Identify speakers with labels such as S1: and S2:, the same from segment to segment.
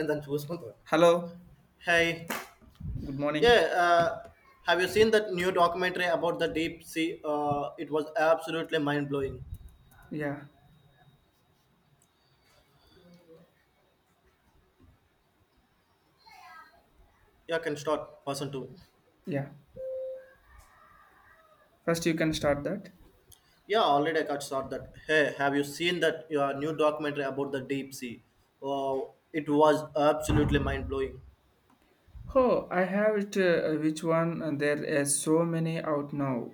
S1: And then choose control.
S2: Hello,
S1: Hey,
S2: good
S1: yeah.
S2: morning.
S1: Have you seen that new documentary about the deep sea? It was absolutely mind blowing.
S2: Yeah,
S1: Yeah, can start person two.
S2: yeah. First, you can start that.
S1: Yeah, already I got start that. Hey, have you seen that your new documentary about the deep sea? Wow, it was absolutely mind blowing.
S2: Oh, I have it. Which one? There is so many out now.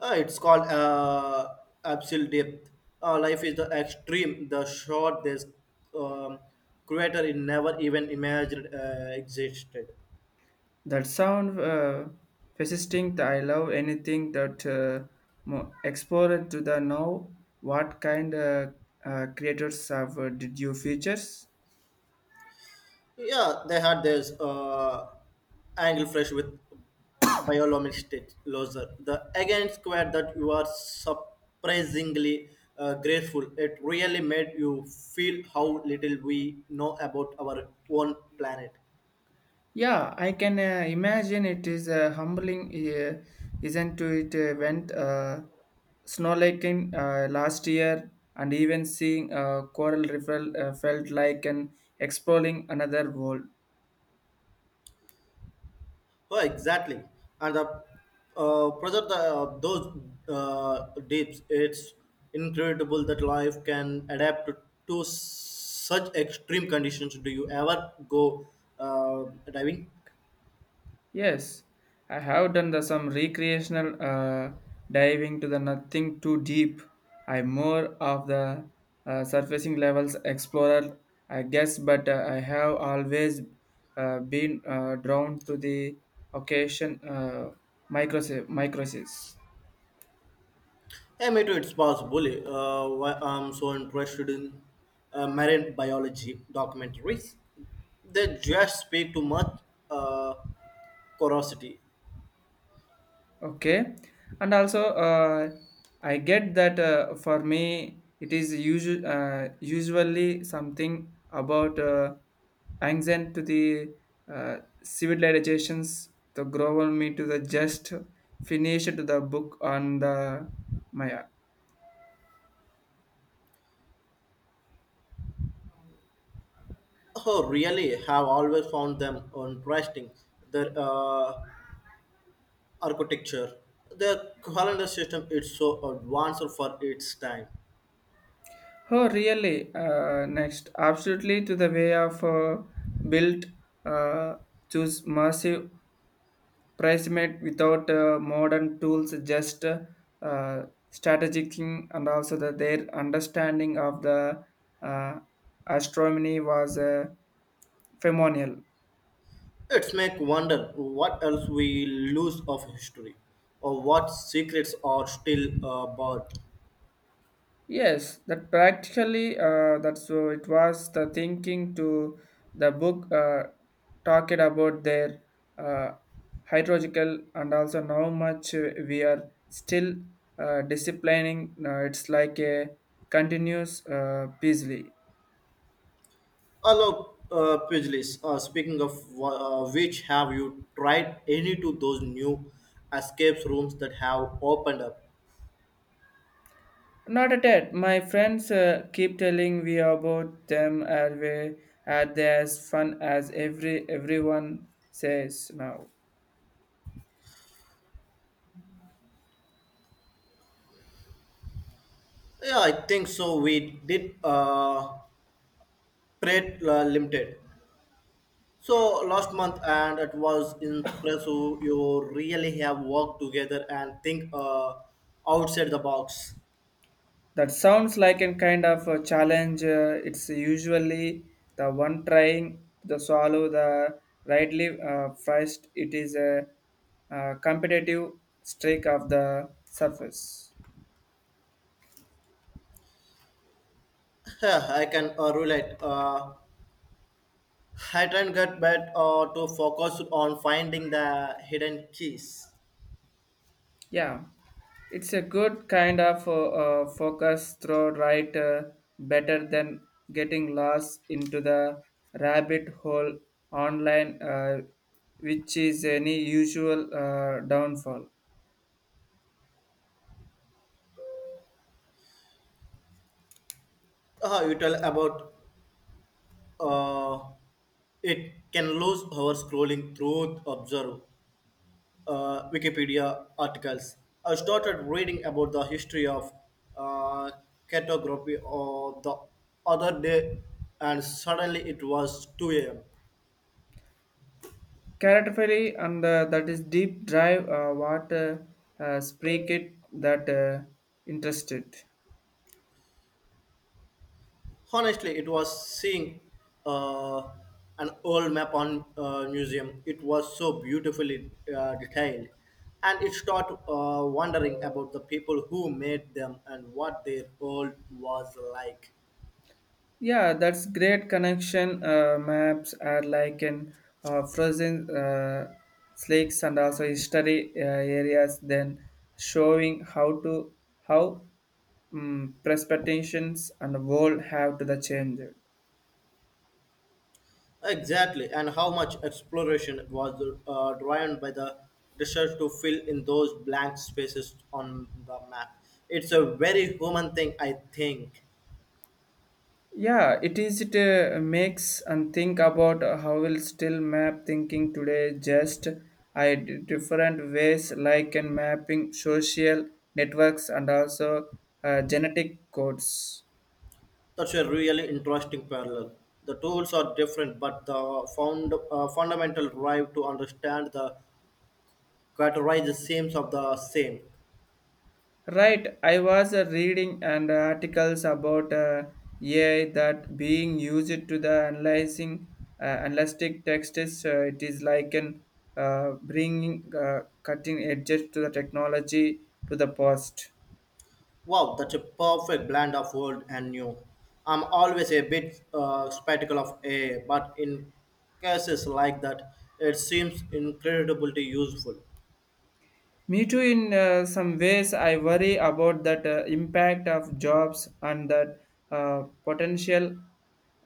S1: It's called Absolute Depth. Life is the extreme, the short, this um, creator it never even imagined existed.
S2: That sound persisting. That I love anything that explored to the now. What kind creators have did you features?
S1: Yeah, they had this angle flash with biolomistic laser. The again square that you are surprisingly grateful. It really made you feel how little we know about our own planet.
S2: Yeah, I can imagine it is humbling, isn't to it? Went snowlaking last year, and even seeing coral reef felt like an exploring another world.
S1: Oh, exactly. And the project those deeps, it's incredible that life can adapt to such extreme conditions. Do you ever go diving?
S2: Yes, I have done the some recreational diving to the nothing too deep. I am more of the surfacing levels explorer, I guess, but I have always been drawn to the occasion microsis.
S1: Yeah, me too. It's possible. Why I'm so interested in marine biology documentaries. They just speak to much uh, curiosity.
S2: Okay, and also I get that for me it is usually something about anxiety to the civilizations, the global me to the just finish to the book on the Maya.
S1: Oh, really? Have always found them interesting. Their architecture, their calendar system. It's so advanced for its time.
S2: Oh, really? Next, absolutely to the way of built, uh, choose massive Pricemate without modern tools, just strategizing and also their understanding of the uh, astronomy was phenomenal.
S1: It's make wonder what else we lose of history, or what secrets are still buried.
S2: Yes, that practically that's so it was the thinking to the book talked about their uh, hydrological and also how much we are still disciplining. It's like a continuous busy.
S1: Hello, Pijlis. Speaking of which, have you tried any to those new escape rooms that have opened up?
S2: Not at it. My friends keep telling me about them and we are they as fun as everyone says now.
S1: Yeah, I think so. We did Pret Limited. So last month, and it was impressive. You really have worked together and think outside the box.
S2: That sounds like a kind of a challenge. It's usually the one trying to swallow the rightly first. It is a, competitive streak of the surface.
S1: Yeah, I can relate. I try and get back to focus on finding the hidden keys.
S2: Yeah, it's a good kind of focus throw right better than getting lost into the rabbit hole online, which is any usual downfall.
S1: You tell about Uh, it can lose hours scrolling through observe Wikipedia articles. I started reading about the history of uh, cartography or the other day, and suddenly it was 2 a.m.
S2: Characterfully, and that is deep drive what speak it that interested.
S1: Honestly, it was seeing uh, an old map on museum. It was so beautifully detailed, and it start wondering about the people who made them and what their world was like.
S2: Yeah, that's great connection. Maps are like in frozen lakes and also history areas. Then showing how to how perspectives and world have to the change.
S1: Exactly, and how much exploration was driven by the research to fill in those blank spaces on the map. It's a very human thing, I think.
S2: Yeah, it is it makes and think about how will still map thinking today just different ways, like in mapping social networks and also genetic codes.
S1: That's a really interesting parallel. The tools are different, but the fundamental drive to understand the categorize the seams of the same.
S2: Right, I was reading and articles about AI that being used to the analyzing analytic texts. It is like an bringing cutting edges to the technology to the past.
S1: Wow, that's a perfect blend of old and new. I'm always a bit skeptical of AI, but in cases like that, it seems incredibly useful.
S2: Me too, in some ways, I worry about that impact of jobs and that potential,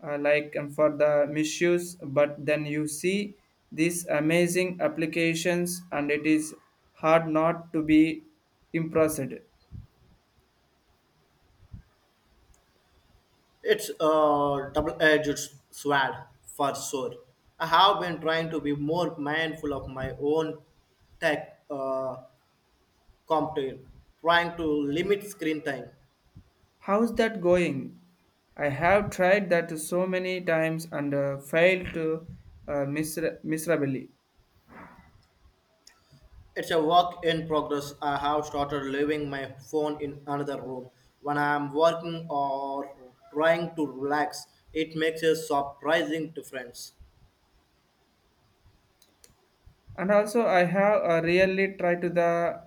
S2: like for the misuse. But then you see these amazing applications, and it is hard not to be impressed.
S1: It's a double-edged sword for sure. I have been trying to be more mindful of my own tech. Compton, trying to limit screen time.
S2: How's that going? I have tried that so many times and failed to miserably.
S1: It's a work in progress. I have started leaving my phone in another room when I am working or trying to relax. It makes a surprising difference.
S2: And also, I have really tried to the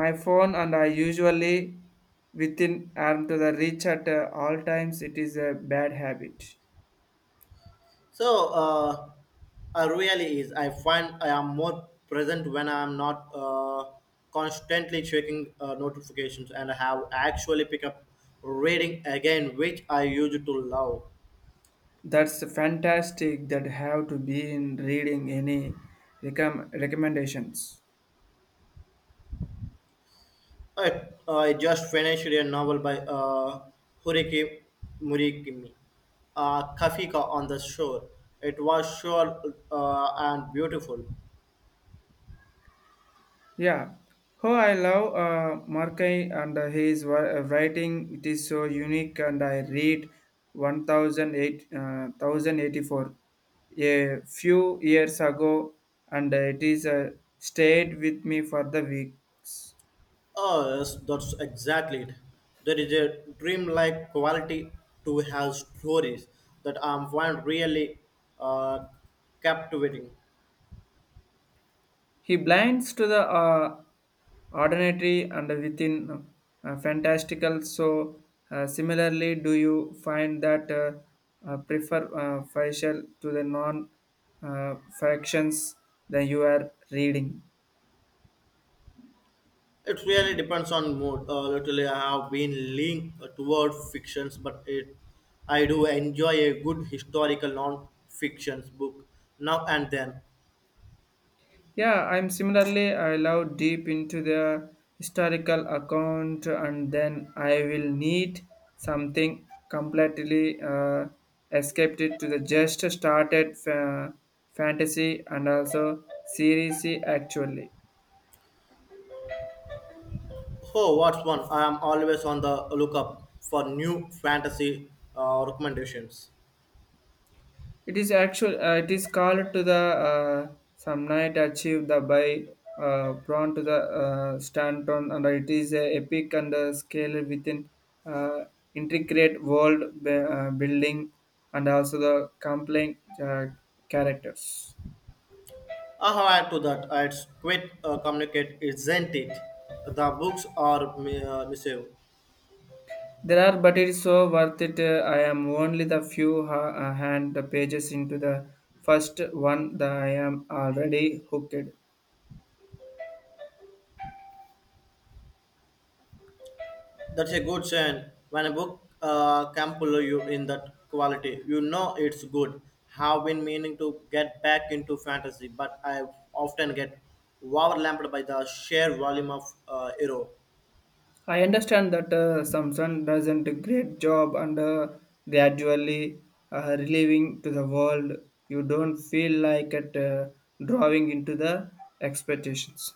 S2: my phone and I usually within arm to the reach at all times it is a bad habit.
S1: So, uh, I really is. I find I am more present when I am not constantly checking notifications and I have actually pick up reading again, which I used to love.
S2: That's fantastic that have to be in reading any recommendations.
S1: I, I just finished a novel by Haruki Murakami, Kafka on the Shore. It was short and beautiful.
S2: Yeah, oh, I love Markai and writing. It is so unique and I read 1008 uh, 1084 a few years ago, and it is stayed with me for the weeks.
S1: Oh, yes, that's exactly it. There is a dreamlike quality to her stories that I find really uh, captivating.
S2: He blinds to the ordinary and within fantastical. So, similarly, do you find that prefer facial to the non factions that you are reading?
S1: It really depends on mood. Literally, I have been leaning toward fictions, I do enjoy a good historical non-fiction book now and then.
S2: Yeah, I'm similarly, I love deep into the historical account and then I will need something completely escaped it to the just started fantasy and also series actually.
S1: Oh, what's one? I am always on the lookup for new fantasy recommendations.
S2: It is actual. It is called to the uh, some night achieve the by drawn to the Stanton, and it is a epic and scale within uh, intricate world building and also the compelling characters.
S1: I have add to that. It's quite communicate, isn't it? The books are massive.
S2: There are, but it is so worth it. I am only the few hand the pages into the first one. The I am already hooked.
S1: That's a good sign. When a book can pull you in that quality, you know it's good. Have been meaning to get back into fantasy, but I often get overwhelmed by the sheer volume of hero.
S2: I understand that Samsung doesn't a great job and gradually relieving to the world. You don't feel like it drawing into the expectations.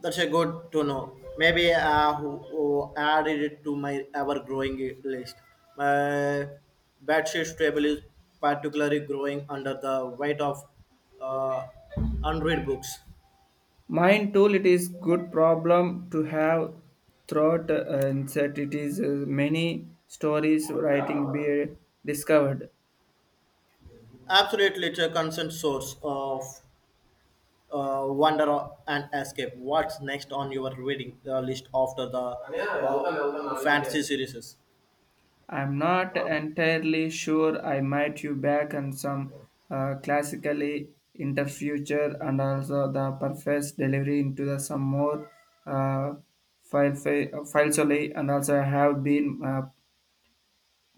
S1: That's a good to know. Maybe I who added it to my ever-growing list. My bedsheet table is particularly growing under the weight of uh, unread books.
S2: Mine tool. It is good problem to have throughout uncertainties. Many stories writing be discovered.
S1: Absolutely, it's a constant source of wonder and escape. What's next on your reading list after the fantasy series?
S2: I'm not entirely sure. I might you back and some classically into future and also the perfect delivery into the some more uh, file solely, and also I have been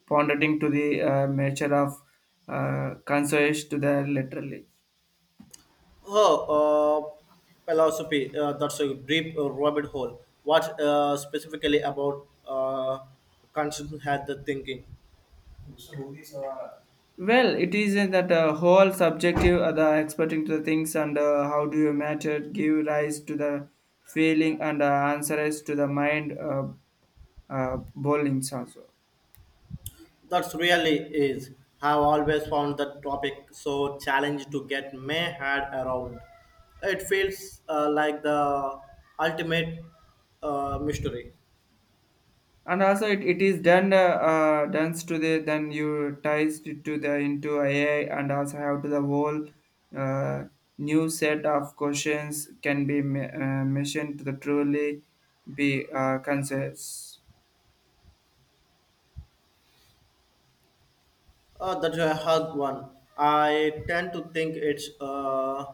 S2: pondering to the nature of consoles to the literally.
S1: Oh, philosophy. That's a deep rabbit hole. What specifically about constant had the thinking?
S2: Well, it is in that whole subjective, the experting to the things, and how do you matter give rise to the feeling and answers to the mind. Bowlings also,
S1: That's really is. Have always found the topic so challenging to get my head around. It feels like the ultimate mystery.
S2: and also it is done done to the then you ties it to the into AI and also have to the whole uh, new set of questions can be mentioned to the truly be consensus.
S1: That's a hard one. I tend to think it's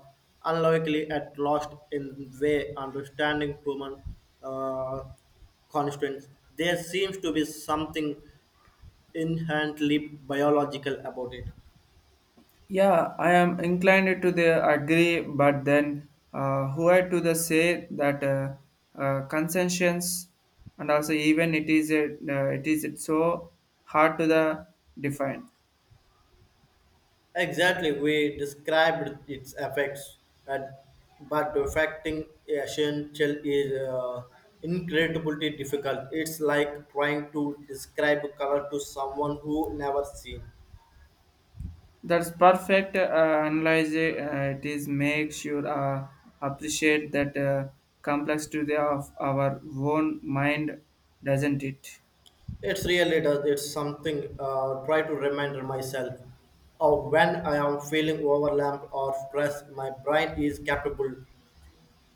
S1: unlikely at lost in way understanding human uh, constituents. There seems to be something inherently biological about it.
S2: Yeah, I am inclined to the agree, but then who had to the say that concessions and also even it is a, it is so hard to the define.
S1: Exactly, we described its effects, and but affecting essential is incredibly difficult. It's like trying to describe color to someone who never seen.
S2: That's perfect analyze. It is make sure appreciate that complexity of our own mind, doesn't it?
S1: It's really does. It's something. Try to remind myself of when I am feeling overwhelmed or stressed. My brain is capable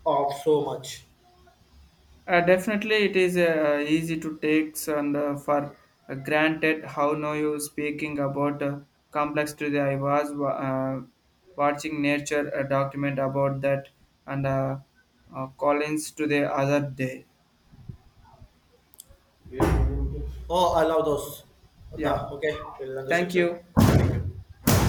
S1: of so much.
S2: Definitely, it is easy to take and for granted how now you speaking about complexity. I was watching nature a document about that and Collins to the other day.
S1: Oh, I love those. The
S2: Yeah,
S1: okay, we'll end the
S2: thank you.
S1: section.